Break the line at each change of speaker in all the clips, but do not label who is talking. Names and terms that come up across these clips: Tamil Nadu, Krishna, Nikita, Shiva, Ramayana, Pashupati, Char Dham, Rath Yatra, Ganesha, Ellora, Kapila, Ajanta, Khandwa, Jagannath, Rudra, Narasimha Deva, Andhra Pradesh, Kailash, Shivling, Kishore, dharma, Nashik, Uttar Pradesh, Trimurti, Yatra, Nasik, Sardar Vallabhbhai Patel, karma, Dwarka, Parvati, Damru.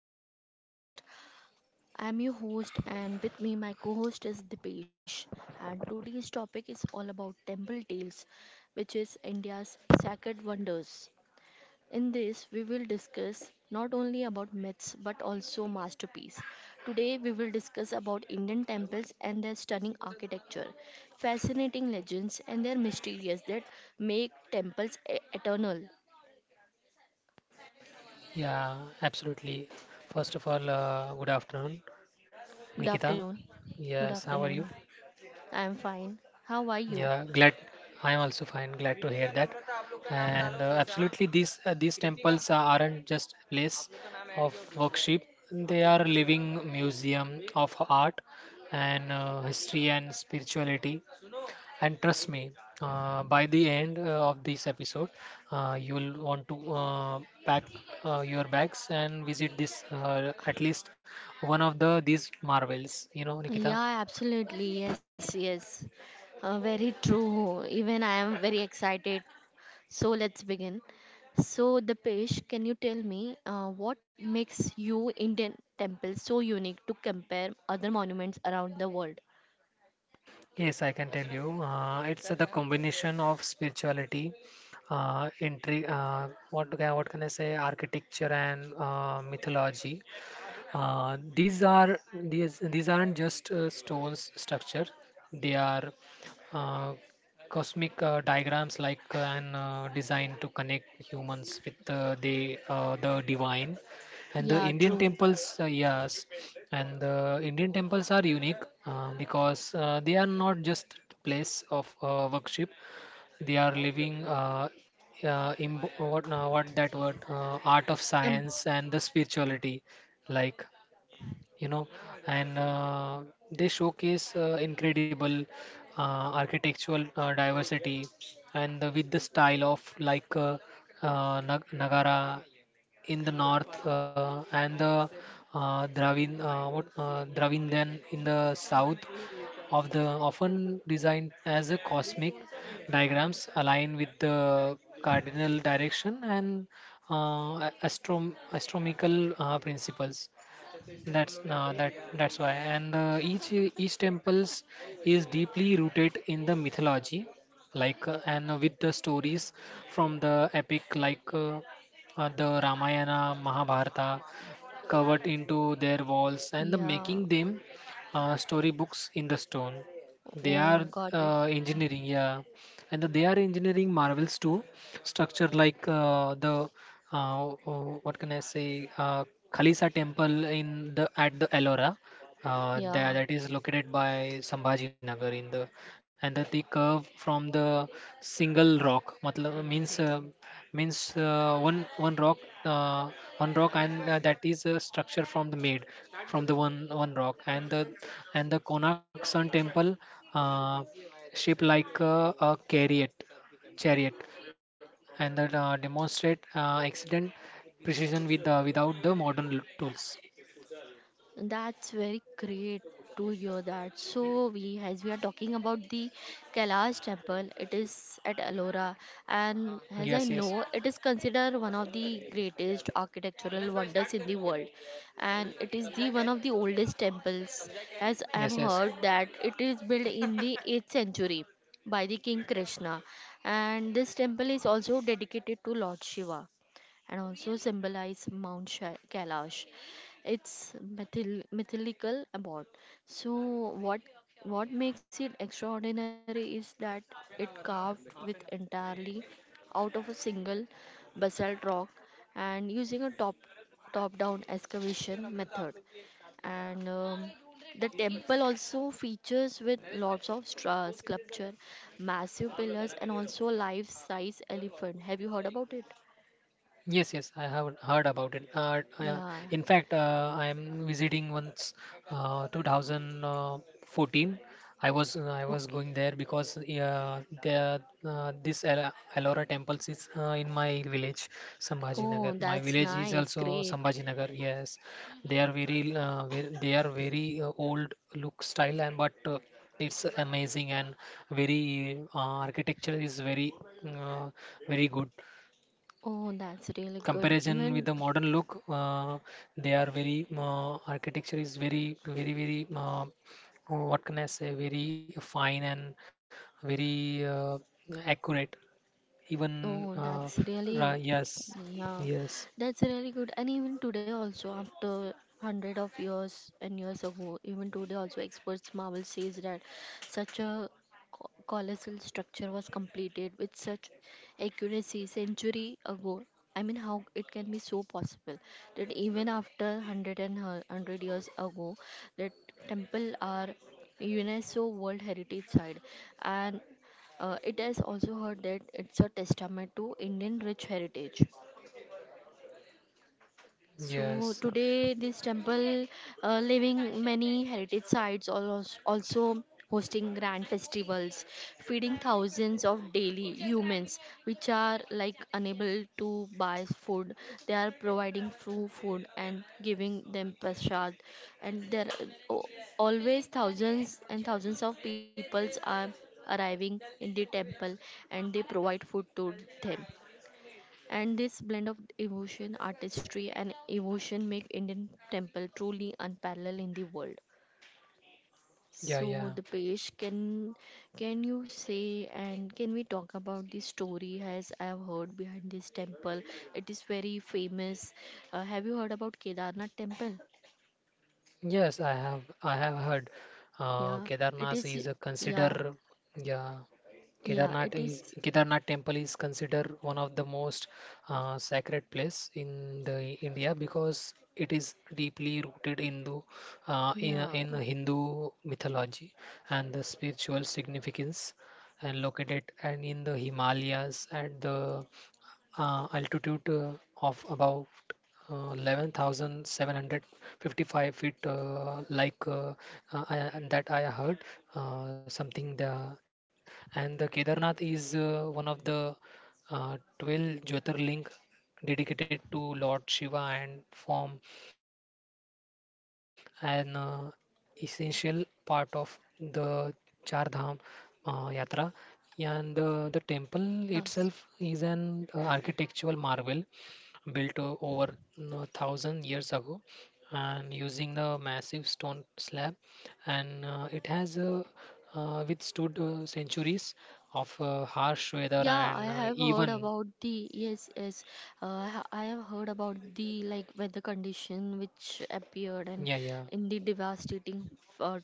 welcome to my podcast. I am your host and with me my co-host is Dipesh, and today's topic is all about temple tales, which is India's sacred wonders. In this we will discuss not only about myths but also masterpiece. Today we will discuss about Indian temples and their stunning architecture, fascinating legends and their mysterious that make temples eternal.
Yeah, absolutely. First of all, good afternoon,
Good
Nikita.
afternoon. Good
Yes, how are you?
afternoon. I'm fine. How are you?
Yeah, glad. I am also fine. Glad to hear that. And absolutely, these temples aren't just place of worship. They are living museum of art and history and spirituality. And trust me, by the end of this episode, you'll want to pack your bags and visit this, at least one of these marvels. You know, Nikita.
Yeah, absolutely. Yes, yes. Very true. Even I am very excited. So let's begin. So, Dipesh, can you tell me what makes you Indian temple so unique to compare other monuments around the world?
Yes, I can tell you. It's the combination of spirituality, what can I say, architecture and mythology. These aren't just stones structure. They are uh, cosmic diagrams like an design to connect humans with the divine, and the
Yeah,
Indian temples,
true.
yes. And the Indian temples are unique because they are not just place of worship. They are living, imb- what that word art of science
Um,
and the spirituality, like you know and they showcase incredible architectural diversity, and with the style of like nagara in the north, and the Dravidian in the south, of the often designed as a cosmic diagrams align with the cardinal direction and uh, astrom astronomical principles. That's why, and each temples is deeply rooted in the mythology, like and with the stories from the epic like the Ramayana, Mahabharata, covered into their walls and the making
yeah.
them storybooks in the stone. They are
Oh, got it.
engineering, yeah, and they are engineering marvels too. Structure like the, oh, what can I say, Khalisa Temple in the at the Ellora. That
Yeah.
is located by Sambhaji Nagar, in the and the, the curve from the single rock, matlab, means means one uh, one rock, and that is a structure from the made from the one rock, and the Konark Sun temple, uh, shaped like a chariot, chariot and that demonstrate accident precision with without the modern tools.
That's very great to hear that. So we, as we are talking about the Kailash temple, it is at Ellora, and as I
Yes, yes,
know it is considered one of the greatest architectural wonders in the world, and it is the one of the oldest temples, as I have
yes, yes.
heard that it is built in the 8th century by the King Krishna, and this temple is also dedicated to Lord Shiva and also symbolize Mount Kailash. It's mythological about. So what what makes it extraordinary is that it carved with entirely out of a single basalt rock and using a top down excavation method, and the temple also features with lots of sculpture, massive pillars and also a life size elephant. Have you heard about it?
Yes, yes, I have heard about it.
Yeah.
In fact, I am visiting once, 2014. I was going
Okay.
there because the this Ellora temples is in my village,
Oh,
Sambhajinagar. My
that's
village is
nice.
also
Great.
Sambhajinagar. Yes, they are very, old look style, and but it's amazing, and very, architecture is very, uh, very good
Oh, that's really good.
comparison with
Even
the modern look. They are very, architecture is very, very, very, what can I say, very fine and very, accurate, even
oh, that's really
yes.
yeah,
Yes,
that's really good. And even today also, after hundred of years and years ago, even today also, experts marvel says that such a colossal structure was completed with such accuracy century ago. I mean, how it can be so possible that even after hundred and hundred years ago, that temple are UNESCO World Heritage Site, and it is also heard that it's a testament to Indian rich heritage. So
yes.
today this temple, living many heritage sites, almost also hosting grand festivals, feeding thousands of daily humans which are like unable to buy food, they are providing free food and giving them prasad, and there are always thousands and thousands of peoples are arriving in the temple and they provide food to them, and this blend of devotion, artistry, and evocation make Indian temple truly unparalleled in the world.
Yeah, yeah.
So the page can you say and can we talk about the story as I have heard behind this temple? It is very famous. Have you heard about Kedarnath temple?
Yes, I have heard.
Yeah, it
Kedarnath
is.
is a
Yeah,
consider, yeah.
yeah, it is.
Kedarnath temple is considered one of the most sacred place in the India, because it is deeply rooted Hindu,
Yeah,
in Hindu mythology, and the spiritual significance, and located, and in the Himalayas, and the altitude of about 11,755 feet, I, and that I heard something the. And the Kedarnath is one of the 12 Jyotirling, dedicated to Lord Shiva, and form an essential part of the Char Dham Yatra. And the temple
yes.
itself is an architectural marvel built over a thousand years ago, and using the massive stone slab, and it has, withstood centuries of harsh weather
Yeah, I
and
have heard
even.
about the, yes, yes. I have heard about the like weather condition which appeared and
Yeah, yeah,
in the devastating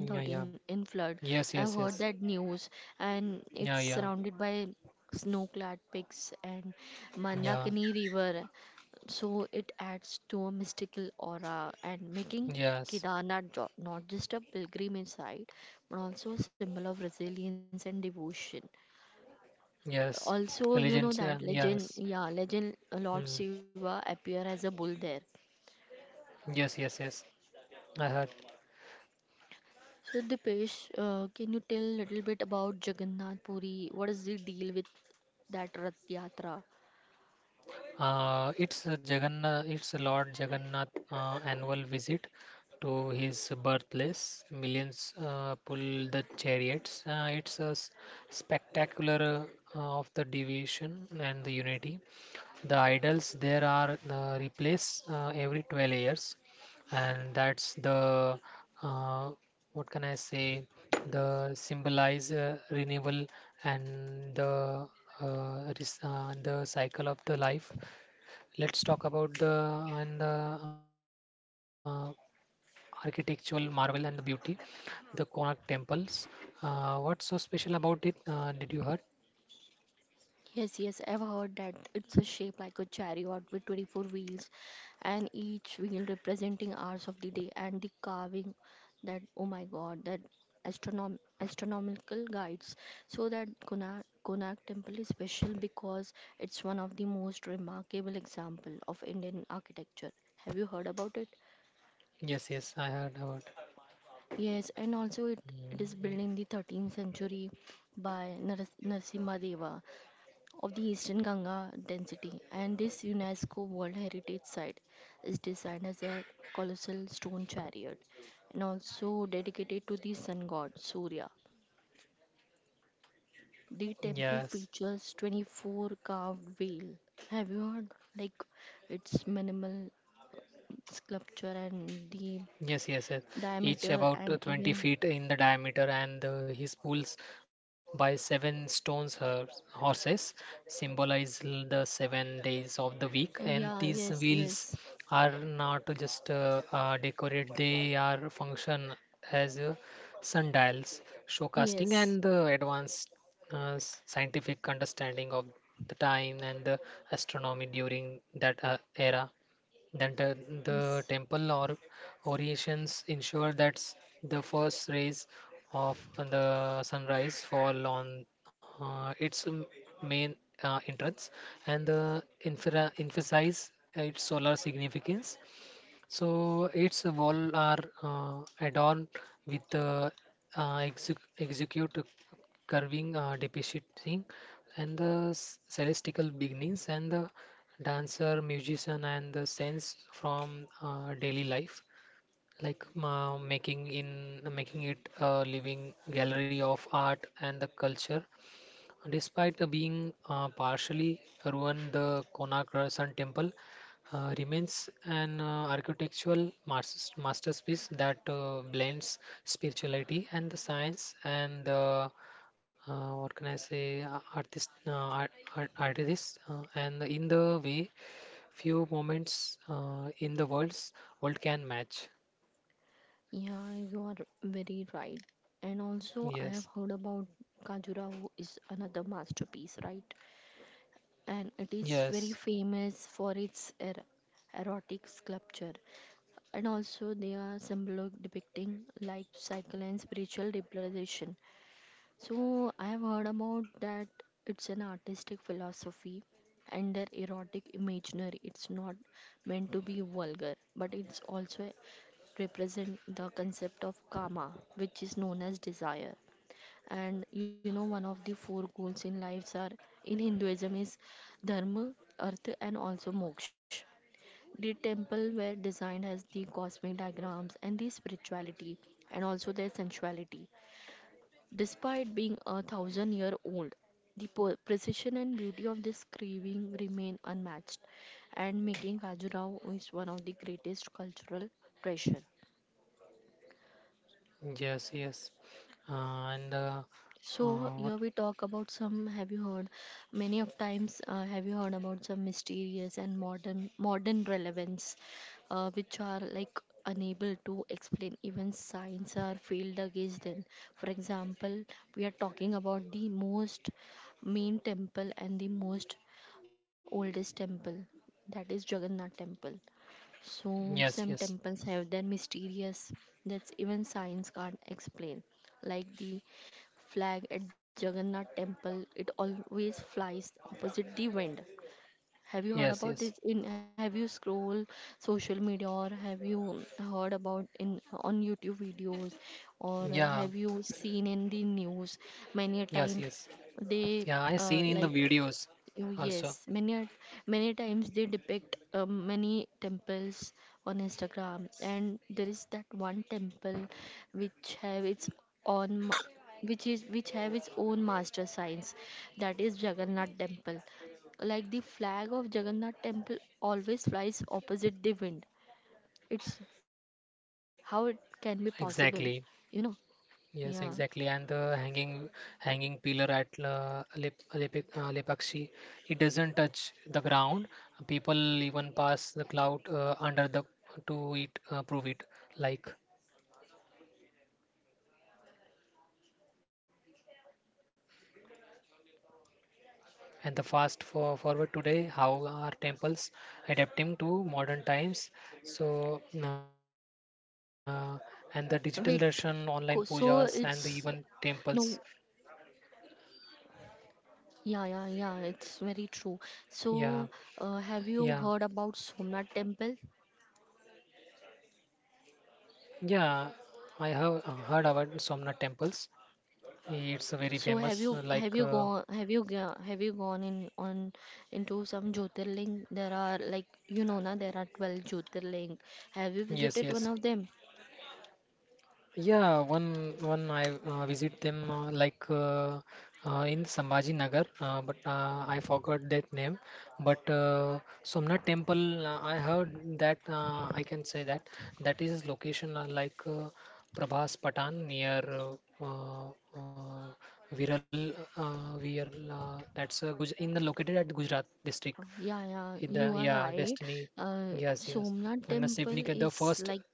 yeah, yeah.
in flood. I
Yes,
have
yes,
heard
yes.
that news, and it's
Yeah, yeah,
surrounded by snow-clad peaks and
yeah.
Mandakini River, so it adds to a mystical aura and making
Yes,
Kedarnath not just a pilgrimage site but also a symbol of resilience and devotion.
yes,
Also, you
religions,
know that
yes.
legend, yeah, legend Lord
Mm.
Shiva appear as a bull there.
Yes, yes, yes. I heard.
So Dipesh, can you tell a little bit about Jagannath Puri? What is the deal with that Rath Yatra?
It's a Lord Jagannath annual visit to his birthplace. Millions pull the chariots. It's a spectacular of the division and the unity. The idols there are replaced every 12 years, and that's the, uh, what can I say? The symbolize renewal and the, the cycle of the life. Let's talk about the, and the uh, architectural marvel and the beauty, the Konark temples. What's so special about it? Did you heard?
Yes, yes, I've heard that it's a shape like a chariot with 24 wheels and each wheel representing hours of the day, and the carving that oh my god that astronomical guides, so that Konark temple is special because it's one of the most remarkable example of Indian architecture. Have you heard about it?
Yes, yes, I heard about.
Yes, and also it
Mm,
is built in
mm.
the 13th century by Narasimha Deva of the Eastern Ganga density, and this UNESCO World Heritage Site is designed as a colossal stone chariot and also dedicated to the sun god Surya. The temple
Yes.
features 24 carved wheel. Have you heard? Like its minimal sculpture and the
Yes, yes, yes. Each
diameter
about
and
20
even
feet in the diameter, and his pulls by seven stones her horses, symbolize the 7 days of the week. And
yeah,
these
yes,
wheels
yes,
are not just, decorate; they are function as sundials, showcasting
yes,
and the advanced, scientific understanding of the time and the astronomy during that era. Then the,
yes.
temple or orations ensure that, the first rays of the sunrise fall on its main entrance, and the infra emphasize its solar significance. So its wall are adorned with, execute curving depicting, and the celestial beginnings, and the dancer, musician and the sense from daily life, like making in making it a living gallery of art and the culture. Despite being partially ruined, the Konark Sun Temple remains an architectural masterpiece that blends spirituality and the science and the, what can I say, a- artist, art, art, artist, and in the way few moments in the world can match.
Yeah, you are very right. And also, I have
Yes,
heard about Khajuraho is another masterpiece, right? And it is very
yes,
famous for its erotic sculpture. And also, they are symbolic depicting life cycle and spiritual representation. So, I have heard about that it's an artistic philosophy and their erotic imaginary. It's not meant to be vulgar, but it's also represent the concept of karma, which is known as desire. And you know, one of the four goals in lives are in Hinduism is dharma, earth, and also moksha. The temple were designed as the cosmic diagrams and the spirituality and also their sensuality. Despite being a thousand year old, the precision and beauty of this carving remain unmatched and making Khajuraho is one of the greatest cultural treasure.
yes, yes, and
So
uh,
here
what?
we talk about some. Have you heard many of times? Have you heard about some mysterious and modern relevance, which are like unable to explain even science are failed against them. For example, we are talking about the most main temple and the most oldest temple, that is Jagannath temple. So, some
Yes, yes.
temples have their mysterious that even science can't explain. Like the flag at Jagannath temple, it always flies opposite the wind. Have you heard
Yes,
about
yes.
this in, have you scroll social media, or have you heard about in on YouTube videos, or
Yeah,
have you seen in the news many a
yes,
time
yes.
they
Yeah, I seen in the
like
videos
oh,
also.
yes, many a- many times they depict many temples on Instagram, and there is that one temple which have its own which is which have its own master signs, that is Jagannath Temple. Like the flag of Jagannath Temple always flies opposite the wind. It's how it can be possible,
Exactly.
you know?
Yes,
Yeah.
exactly. And the hanging pillar at, Lepakshi, it doesn't touch the ground. People even pass the cloud under the to it prove it, like. And the fast forward today, how are temples adapting to modern times? So, and the digital
Wait.
version, online
So
pujas, and the
it's
even
no.
temples.
Yeah, yeah, yeah, it's very true.
Yeah,
So, have you
yeah,
heard about Somnath temple?
yeah. I have heard about Somnath temples. It's very
So, have
famous.
you,
Like,
have you gone have you go- have you gone in on into some Jyotirling? There are like you know na there are 12 Jyotirling. Have you
yes,
visited
yes.
one of them?
Yeah, one I visit them, in Sambhaji Nagar, but I forgot that name. But Somnath Temple, I heard that, I can say that that is location, Prabhas Patan, near, uh, Viral. That's Guj in the located at Gujarat district,
Yeah, yeah,
in the,
you are
yeah,
right.
Destiny. Yes, yes.
Somnath
And the
temple
Sivnik, the
is
first.
like,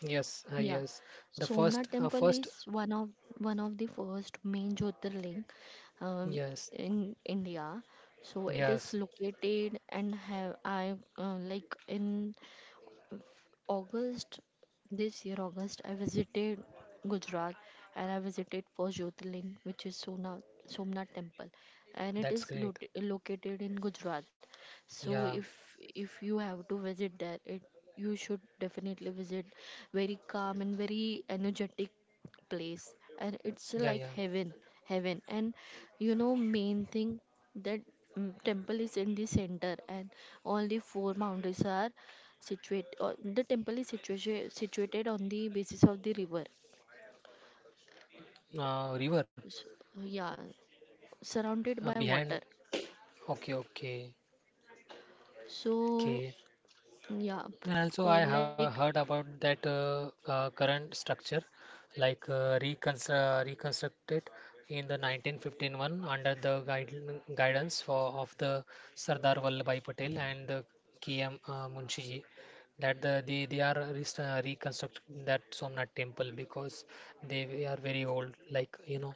Yes,
yeah,
yes. The
Somnath Temple
first.
is one of the first main Jyotirling um,
Yes,
in India. So it is
yes.
located and have I like in August this year, August, I visited Gujarat, and I visited first Jyotirling, which is Somnath, Somnath Temple, and it
That's
is
great.
located in Gujarat. So
Yeah,
if you have to visit there, it you should definitely visit. Very calm and very energetic place, and it's
yeah,
like
yeah.
heaven, heaven. And you know, main thing that temple is in the center, and all the four mountains are situate the temple is situated on the basis of the river,
River
so, yeah, surrounded by
behind.
water.
Okay, okay,
So
okay.
yeah
And also, I have
like
heard about that, current structure, like reconstructed in the 1951, under the guide guidance for of the Sardar Vallabhbhai Patel and the KM, Munshiji. That the, they are reconstructing that Somnath temple because they are very old, like,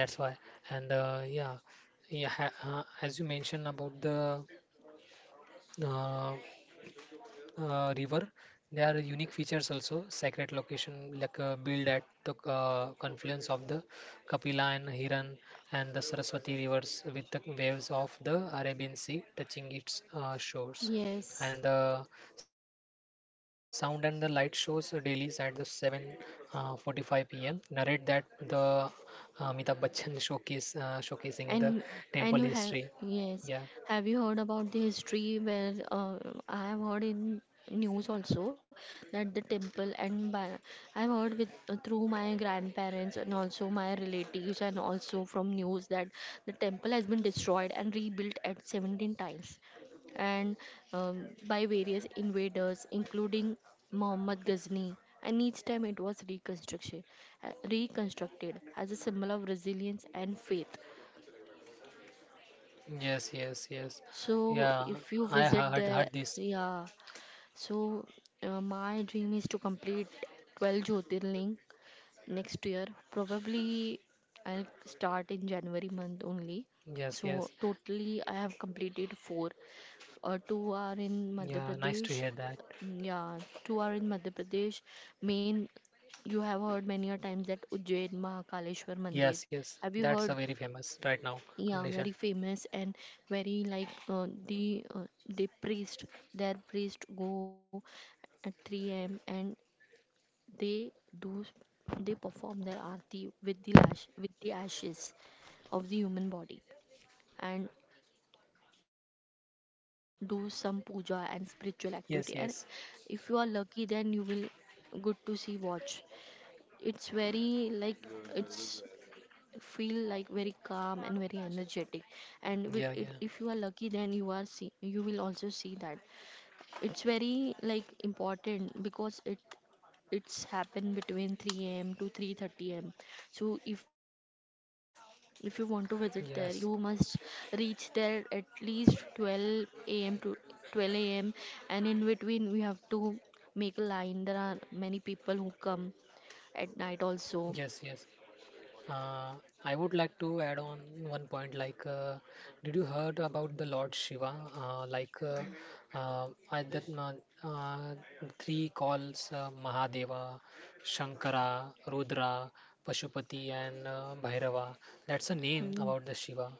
that's why. And yeah, yeah, as you mentioned about the, uh, river. There are unique features also: sacred location, like, built at the confluence of the Kapila and Hiran and the Saraswati rivers, with the waves of the Arabian Sea touching its shores. And
yes.
the sound and the light shows dailies at the 7:45 p.m. narrate that the, Amitabh Bachchan showcase showcasing the
And
temple
and you
history.
have
Yeah.
yes, have you heard about the history where I have heard in news also that the temple and by, I've heard with through my grandparents and also my relatives and also from news that the temple has been destroyed and rebuilt at 17 times and by various invaders, including Muhammad Ghazni, and each time it was reconstruction, reconstructed as a symbol of resilience and faith.
Yes. Yes. Yes.
So
Yeah.
if you
I
visit there,
heard this.
yeah. So my dream is to complete 12 Jyotirling next year. Probably I'll start in January month only.
Yes,
So
yes.
totally I have completed four. Two are in Madhya
Yeah, nice to
Pradesh.
hear that.
Yeah, two are in Madhya Pradesh. Main, you have heard many a times that Ujjain Mahakaleshwar Mandir.
Yes, yes.
Have you heard?
That's a very famous right now
Yeah, very
condition.
famous and very like the priest, their priest go at 3 a.m. and they do they perform their aarti with the lash with the ashes of the human body and do some puja and spiritual activity,
Yes,
and
yes.
if you are lucky then you will good to see watch. It's very like it's feel like very calm and very energetic, and with
Yeah,
it,
yeah.
if you are lucky then you are see you will also see that it's very like important because it it's happened between 3 a.m. to 3:30 a.m. So if you want to visit there you
Yes.
must reach there at least 12 a.m. to 12 a.m., and in between we have to make a line. There are many people who come at night also.
Yes, yes. Uh, I would like to add on one point. Like, did you heard about the Lord Shiva? Uh, like, uh, uh, I that, uh, uh, three calls, Mahadeva, Shankara, Rudra, Pashupati, and Bhairava. That's a name
Mm,
about the Shiva.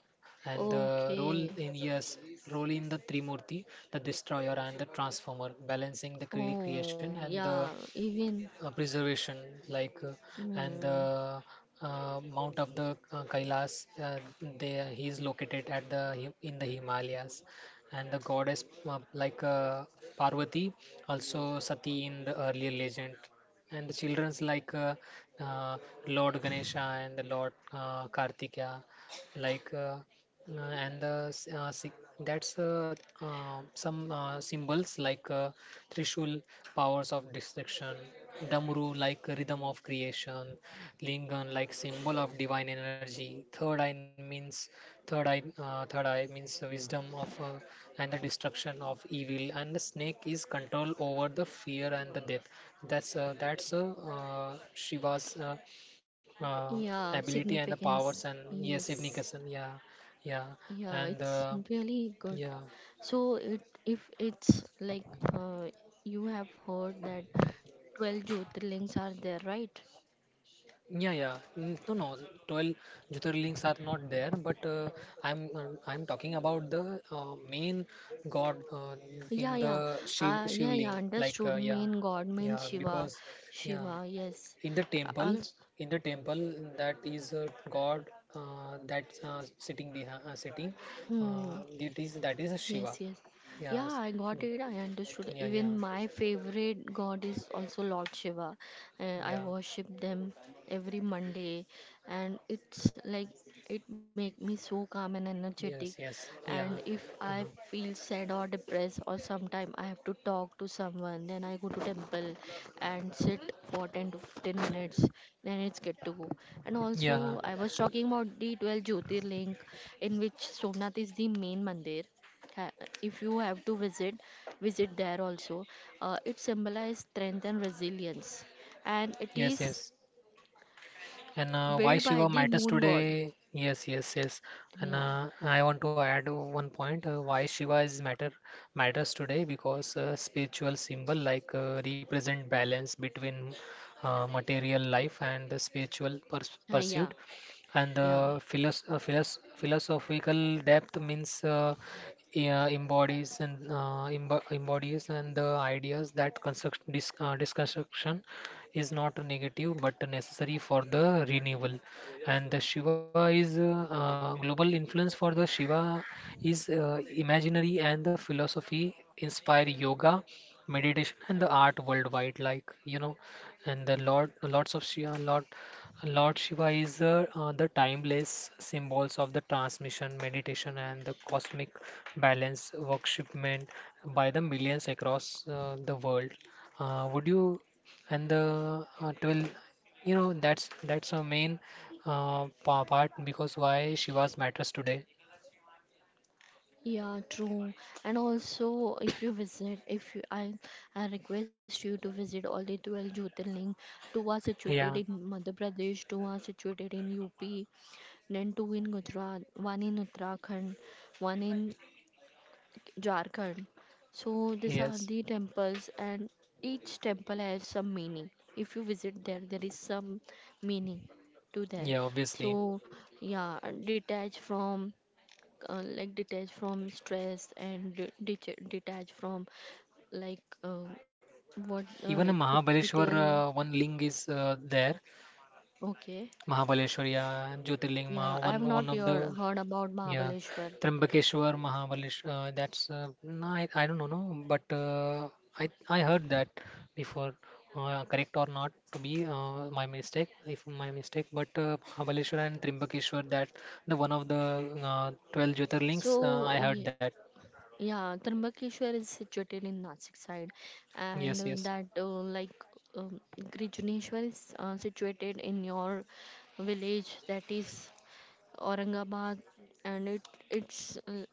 And the role
okay.
in, yes, role in the Trimurti, the destroyer and the transformer, balancing the creation
Oh,
and the
yeah, even
preservation, like, and
mm,
the mount of the Kailas, uh, there he is located at the in the Himalayas, and the goddess, uh, like uh, Parvati, also Sati in the earlier legend, and the children's, like, uh, Lord Ganesha and the Lord Kartikeya, like, and the s- si- that's, some symbols like, Trishul, powers of destruction; Damru, like rhythm of creation; Lingam, like symbol of divine energy; third eye means, third eye means wisdom of, and the destruction of evil; and the snake is control over the fear and the death. That's, Shiva's, uh,
yeah,
ability and the powers.
significance.
And yes,
Yes.
Evnikasan, yeah, yeah,
Yeah,
and
it's really good.
yeah.
So it if it's like uh, you have heard that 12 Jyotirlings are there, right?
Yeah, yeah. Mm. No, no. 12 Jyotirlings are not there, but I'm talking about the main god in
Yeah,
the
yeah. Yeah, yeah,
Shivling. Like
understood.
yeah,
Main God, main
yeah.
Shiva.
Because yeah,
Shiva, yes.
in the temple,
Also,
in the temple that is a god that's sitting behind sitting.
hmm.
It is that is a Shiva.
Yes, yes. Yeah,
Yes.
I got
Mm.
it. I understood.
Yeah, yeah,
Even my favorite god is also Lord Shiva. I
yeah.
worship them every Monday, and it's like it make me so calm and
Yes,
energetic.
yes, yeah.
And if
Uh,
I feel sad or depressed, or sometime I have to talk to someone, then I go to temple and sit for 10 to 15 minutes. Then it's good to go. And
yeah.
also, I was talking about the 12 Jyotirling, in which Somnath is the main mandir. ca- if you have to visit there also, it symbolizes strength and resilience, and it
Yes,
is
yes. And why
built
Shiva
by the
matters
moon god.
today? Yes, yes, yes. And
Yeah.
I want to add one point. Why Shiva is matter matters today? Because spiritual symbol represent balance between material life and the spiritual pursuit.
Yeah,
And the
yeah,
philosophical depth means yeah, embodies and embodies and the ideas that construct disconstruction is not a negative but a necessary for the renewal. And the Shiva is global influence for the Shiva is imaginary and the philosophy inspire yoga, meditation, and the art worldwide. Like you know, and the Lord, lots of Shiva, lot. Lord Shiva is the timeless symbols of the transmission, meditation, and the cosmic balance worshipment by the millions across the world. Would you and the 12 you know that's a main part because why Shivas matters today.
yeah, true. And also, if you visit if you I request you to visit all the 12 Jyotirling. Two are situated
Yeah,
in Madhya Pradesh, two are situated in UP, then two in Gujarat, one in Uttarakhand, one in Jharkhand. So these are the
yes,
temples, and each temple has some meaning. If you visit there, there is some meaning to there.
yeah, obviously.
So yeah, detach from like, detach from stress, and detach from, like, what, it
Even a
could be
Mahabaleshwar,
tell.
one ling is there.
Okay,
Mahabaleshwar, yeah, Jyotirling
yeah,
Maha,
I
one
have
one
not
of the.
heard about
Yeah,
Mahabaleshwar.
Trambakeshwar, Mahabaleshwar. That's no, I don't know, no, but I heard that before. Correct or not to be my mistake, if my mistake. But Mahabaleshwar and Trimbakeshwar, that the one of the 12 Jyotirlings. I
So
heard that.
yeah, Trambakeshwar is situated in Nasik side, and
Yes, yes.
that, like, Grijaneshwar is situated in your village, that is Aurangabad, and it's uh,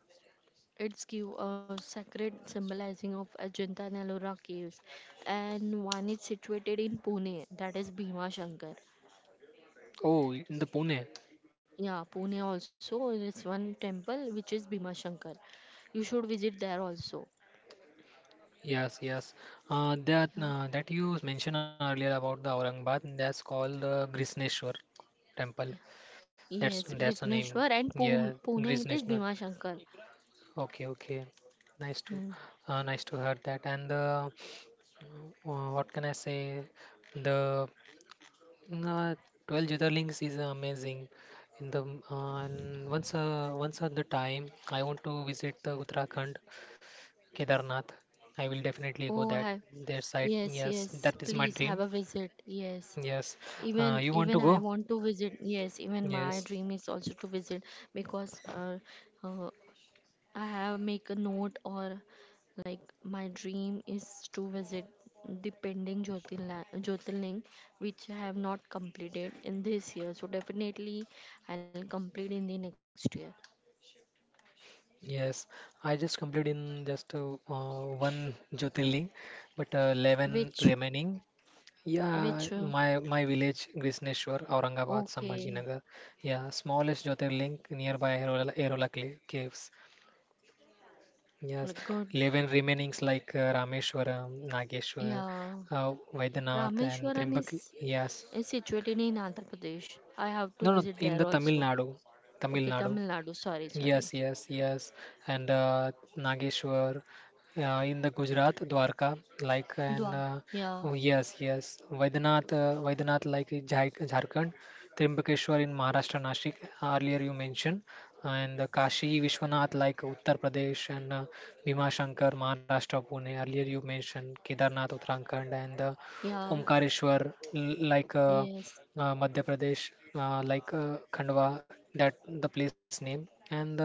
it's give a sacred symbolizing of Ajanta and Ellora caves, and one is situated in Pune, that is Bhima Shankar.
Oh, in the Pune.
Yeah, Pune also there is one temple which is Bhima Shankar. You should visit there also.
Yes, yes. That
Yeah.
that you mentioned earlier about the Aurangabad. That's called Grisneshwar temple. That's
Yes,
that's the name.
Gritneshwar, and
Yeah,
Pune,
Greece
Pune it
national.
is Bhima Shankar.
Okay, okay. Nice to,
Hmm.
nice to hear that. And what can I say? The uh, 12 Links is amazing. And once at the time, I want to visit the Uttarakhand, Kedarnath. I will definitely go
Oh,
that
have,
their site.
yes,
Yes,
yes.
that is my
Please have
dream.
a visit. Yes.
Yes,
Even
you want
even
to
I
go?
want to visit. Yes, even my
Yes.
dream is also to visit, because uh, I have make a note, or, like, my dream is to visit the pending Jyotirling, which I have not completed in this year. So definitely I'll complete in the next year.
Yes, I just completed in just one Jyotirling, but 11
Which
remaining. Yeah,
which
my village Grisneshwar, Aurangabad,
okay,
Sambhajinagar. Yeah, smallest Jyotirling nearby Aerola, caves. Yes,
like, good.
11 remainings like Rameshwaram, Nageshwar,
Yeah,
Vaidyanath and
Rameshwaran
Trimbak.
is
Yes,
is situated in Andhra Pradesh. I have to
no, no,
visit
in
there
the Tamil
also.
Nadu, Tamil
Okay,
Nadu.
Tamil Nadu. Sorry, sorry.
Yes, yes, yes. And Nageshwar in the Gujarat, Dwarka, like, and
Dwa. Yeah,
oh, yes, yes. Vaidanath, Vaidanath, like in Jharkhand, Trimbakeshwar in Maharashtra, Nashik, earlier you mentioned, and Kashi Vishwanath, like Uttar Pradesh, and Bhima Shankar, Maharashtra, Pune, earlier you mentioned, Kedarnath, Uttarakhand, and
yeah,
Omkareshwar, like
yes.
Madhya Pradesh, like Khandwa, that the place name, and the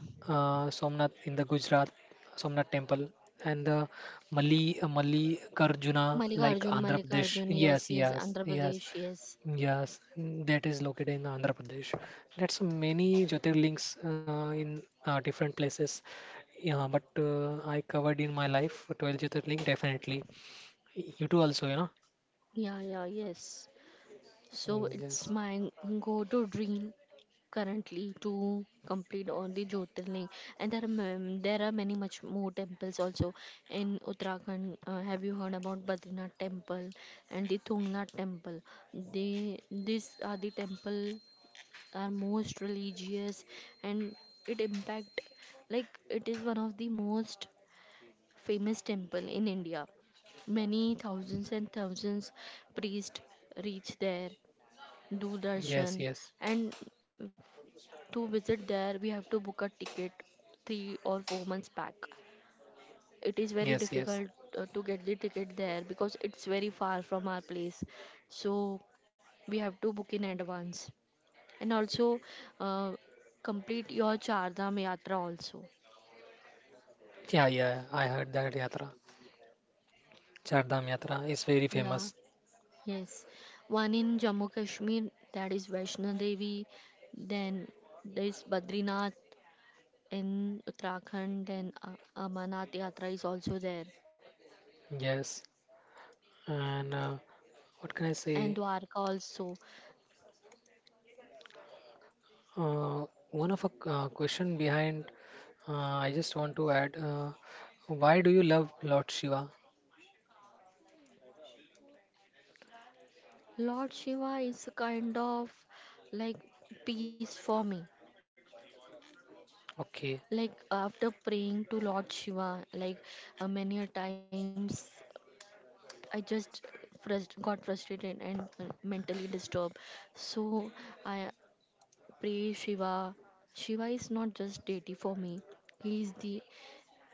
Somnath in the Gujarat, Somnath temple, and the Mali Mallikarjuna, like
Mallikarjun,
Andhra Pradesh.
Mallikarjun. Yes,
Yes,
yes.
yes,
Andhra
yes,
Pradesh. Yes.
yes. Mm. That is located in Andhra Pradesh. That's many Jyotirlings in different places. Yeah, but I covered in my life 12 Jyotirling definitely. You too also, you know.
Yeah, yeah, yes. So
Mm.
it's
Yes,
my go-to dream currently to complete all the Jyotirling, and there are many much more temples also in Uttarakhand. Have you heard about Badrinath Temple and the Tungnath Temple? They These are the temple, are most religious, and it impact, like, it is one of the most famous temple in India. Many thousands and thousands priests reach there, do darshan,
yes, yes.
and to visit there, we have to book a ticket 3 or 4 months back. It is very
Yes, yes.
difficult to get the ticket there, because it's very far from our place. So we have to book in advance, and also uh, complete your Char Dham Yatra also.
Yeah, yeah. I heard that Yatra. Char Dham Yatra is very
Yeah,
famous.
yes. One in Jammu Kashmir, that is Vaishno Devi. Then there is Badrinath in Uttarakhand. Then Amarnath Yatra is also there.
Yes. And what can I
And
say?
Dwarka also.
One of a question behind, I just want to add, why do you love Lord Shiva?
Lord Shiva is a kind of, like, peace for me.
Okay.
Like, after praying to Lord Shiva, like, many a times I just got frustrated, and mentally disturbed. So I pray Shiva. Shiva is not just deity for me. He is the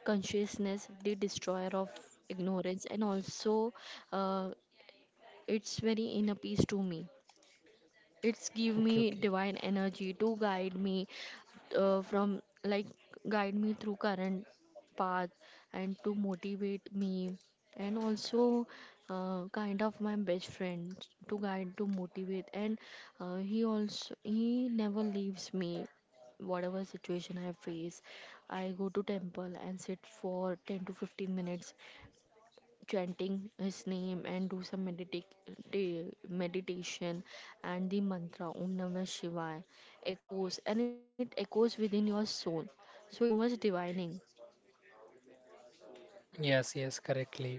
consciousness, the destroyer of ignorance, and also, uh, it's very inner peace to me. It's give
Okay,
me
okay.
divine energy to uh, from like guide me through current path, and to motivate me, and also, kind of my best friend, to guide, to motivate, and he also, he never leaves me. Whatever situation I face, I go to temple and sit for 10 to 15 minutes, chanting his name and do some meditation, and the mantra Om Namah Shivaya echoes, and it echoes within your soul. So it's so much divining.
Yes, yes, correctly.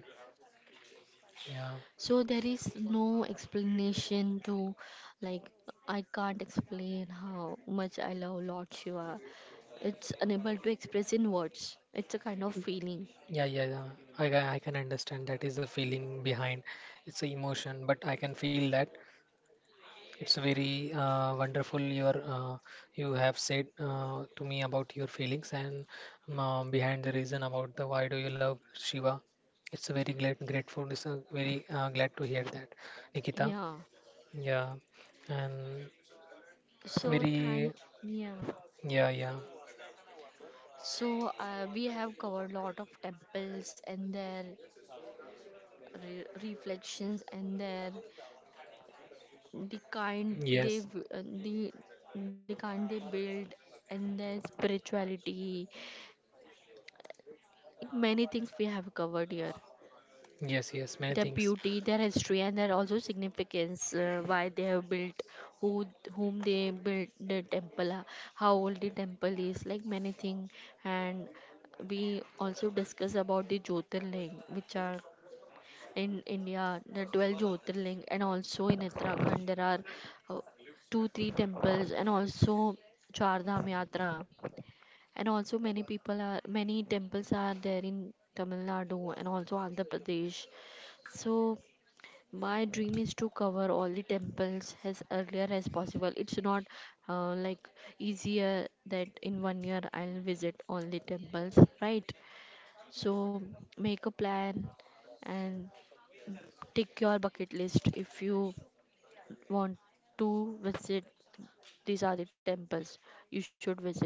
Yeah.
So there is no explanation to, like, I can't explain how much I love Lord Shiva. It's unable to express in words. It's a kind of feeling.
Yeah, yeah, yeah. I can understand that is the feeling behind. It's a emotion, but I can feel that. It's very wonderful your you have said to me about your feelings and behind the reason about the why do you love Shiva. It's a very glad grateful. It's a very glad to hear that, Nikita.
Yeah.
Yeah, and
So thank
very,
yeah.
yeah, yeah,
So, we have covered lot of temples, and their reflections, and their, the kind they
yes,
v- uh, the the kind they build, and their spirituality. Many things we have covered here:
yes, yes, many
their
things.
beauty, their history, and their also significance, why they have built, who whom they built the temple, how old the temple is, like, many thing. And we also discuss about the Jyotirling, which are in India, the 12 Jyotirling, and also in Uttarakhand, there are uh, two, three temples, and also Char Dham Yatra. And also, many temples are there in Tamil Nadu and also Andhra Pradesh. So, my dream is to cover all the temples as earlier as possible. It's not like easier that in one year I'll visit all the temples, right? So, make a plan, and tick your bucket list if you want to visit. These are the temples you should visit.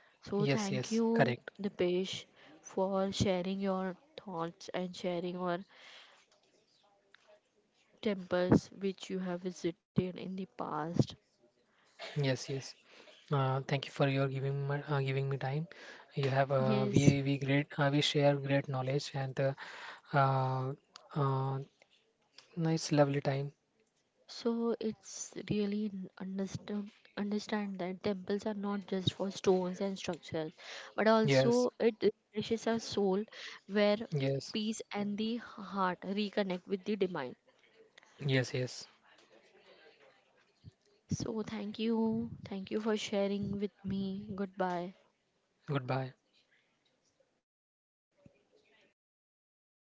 So,
Yes,
thank
yes,
you,
correct.
Dipesh, for sharing your thoughts and sharing your temples which you have visited in the past.
Yes, yes. Thank you for your giving giving me time. You have
Yes,
we great we share great knowledge and uh, uh, nice lovely time.
so it's really n- understood understand that temples are not just for stones and structures, but also
Yes,
it refreshes our soul, where
yes,
peace and the heart reconnect with the divine.
yes, yes.
So thank you. Thank you for sharing with me. Goodbye.
Goodbye.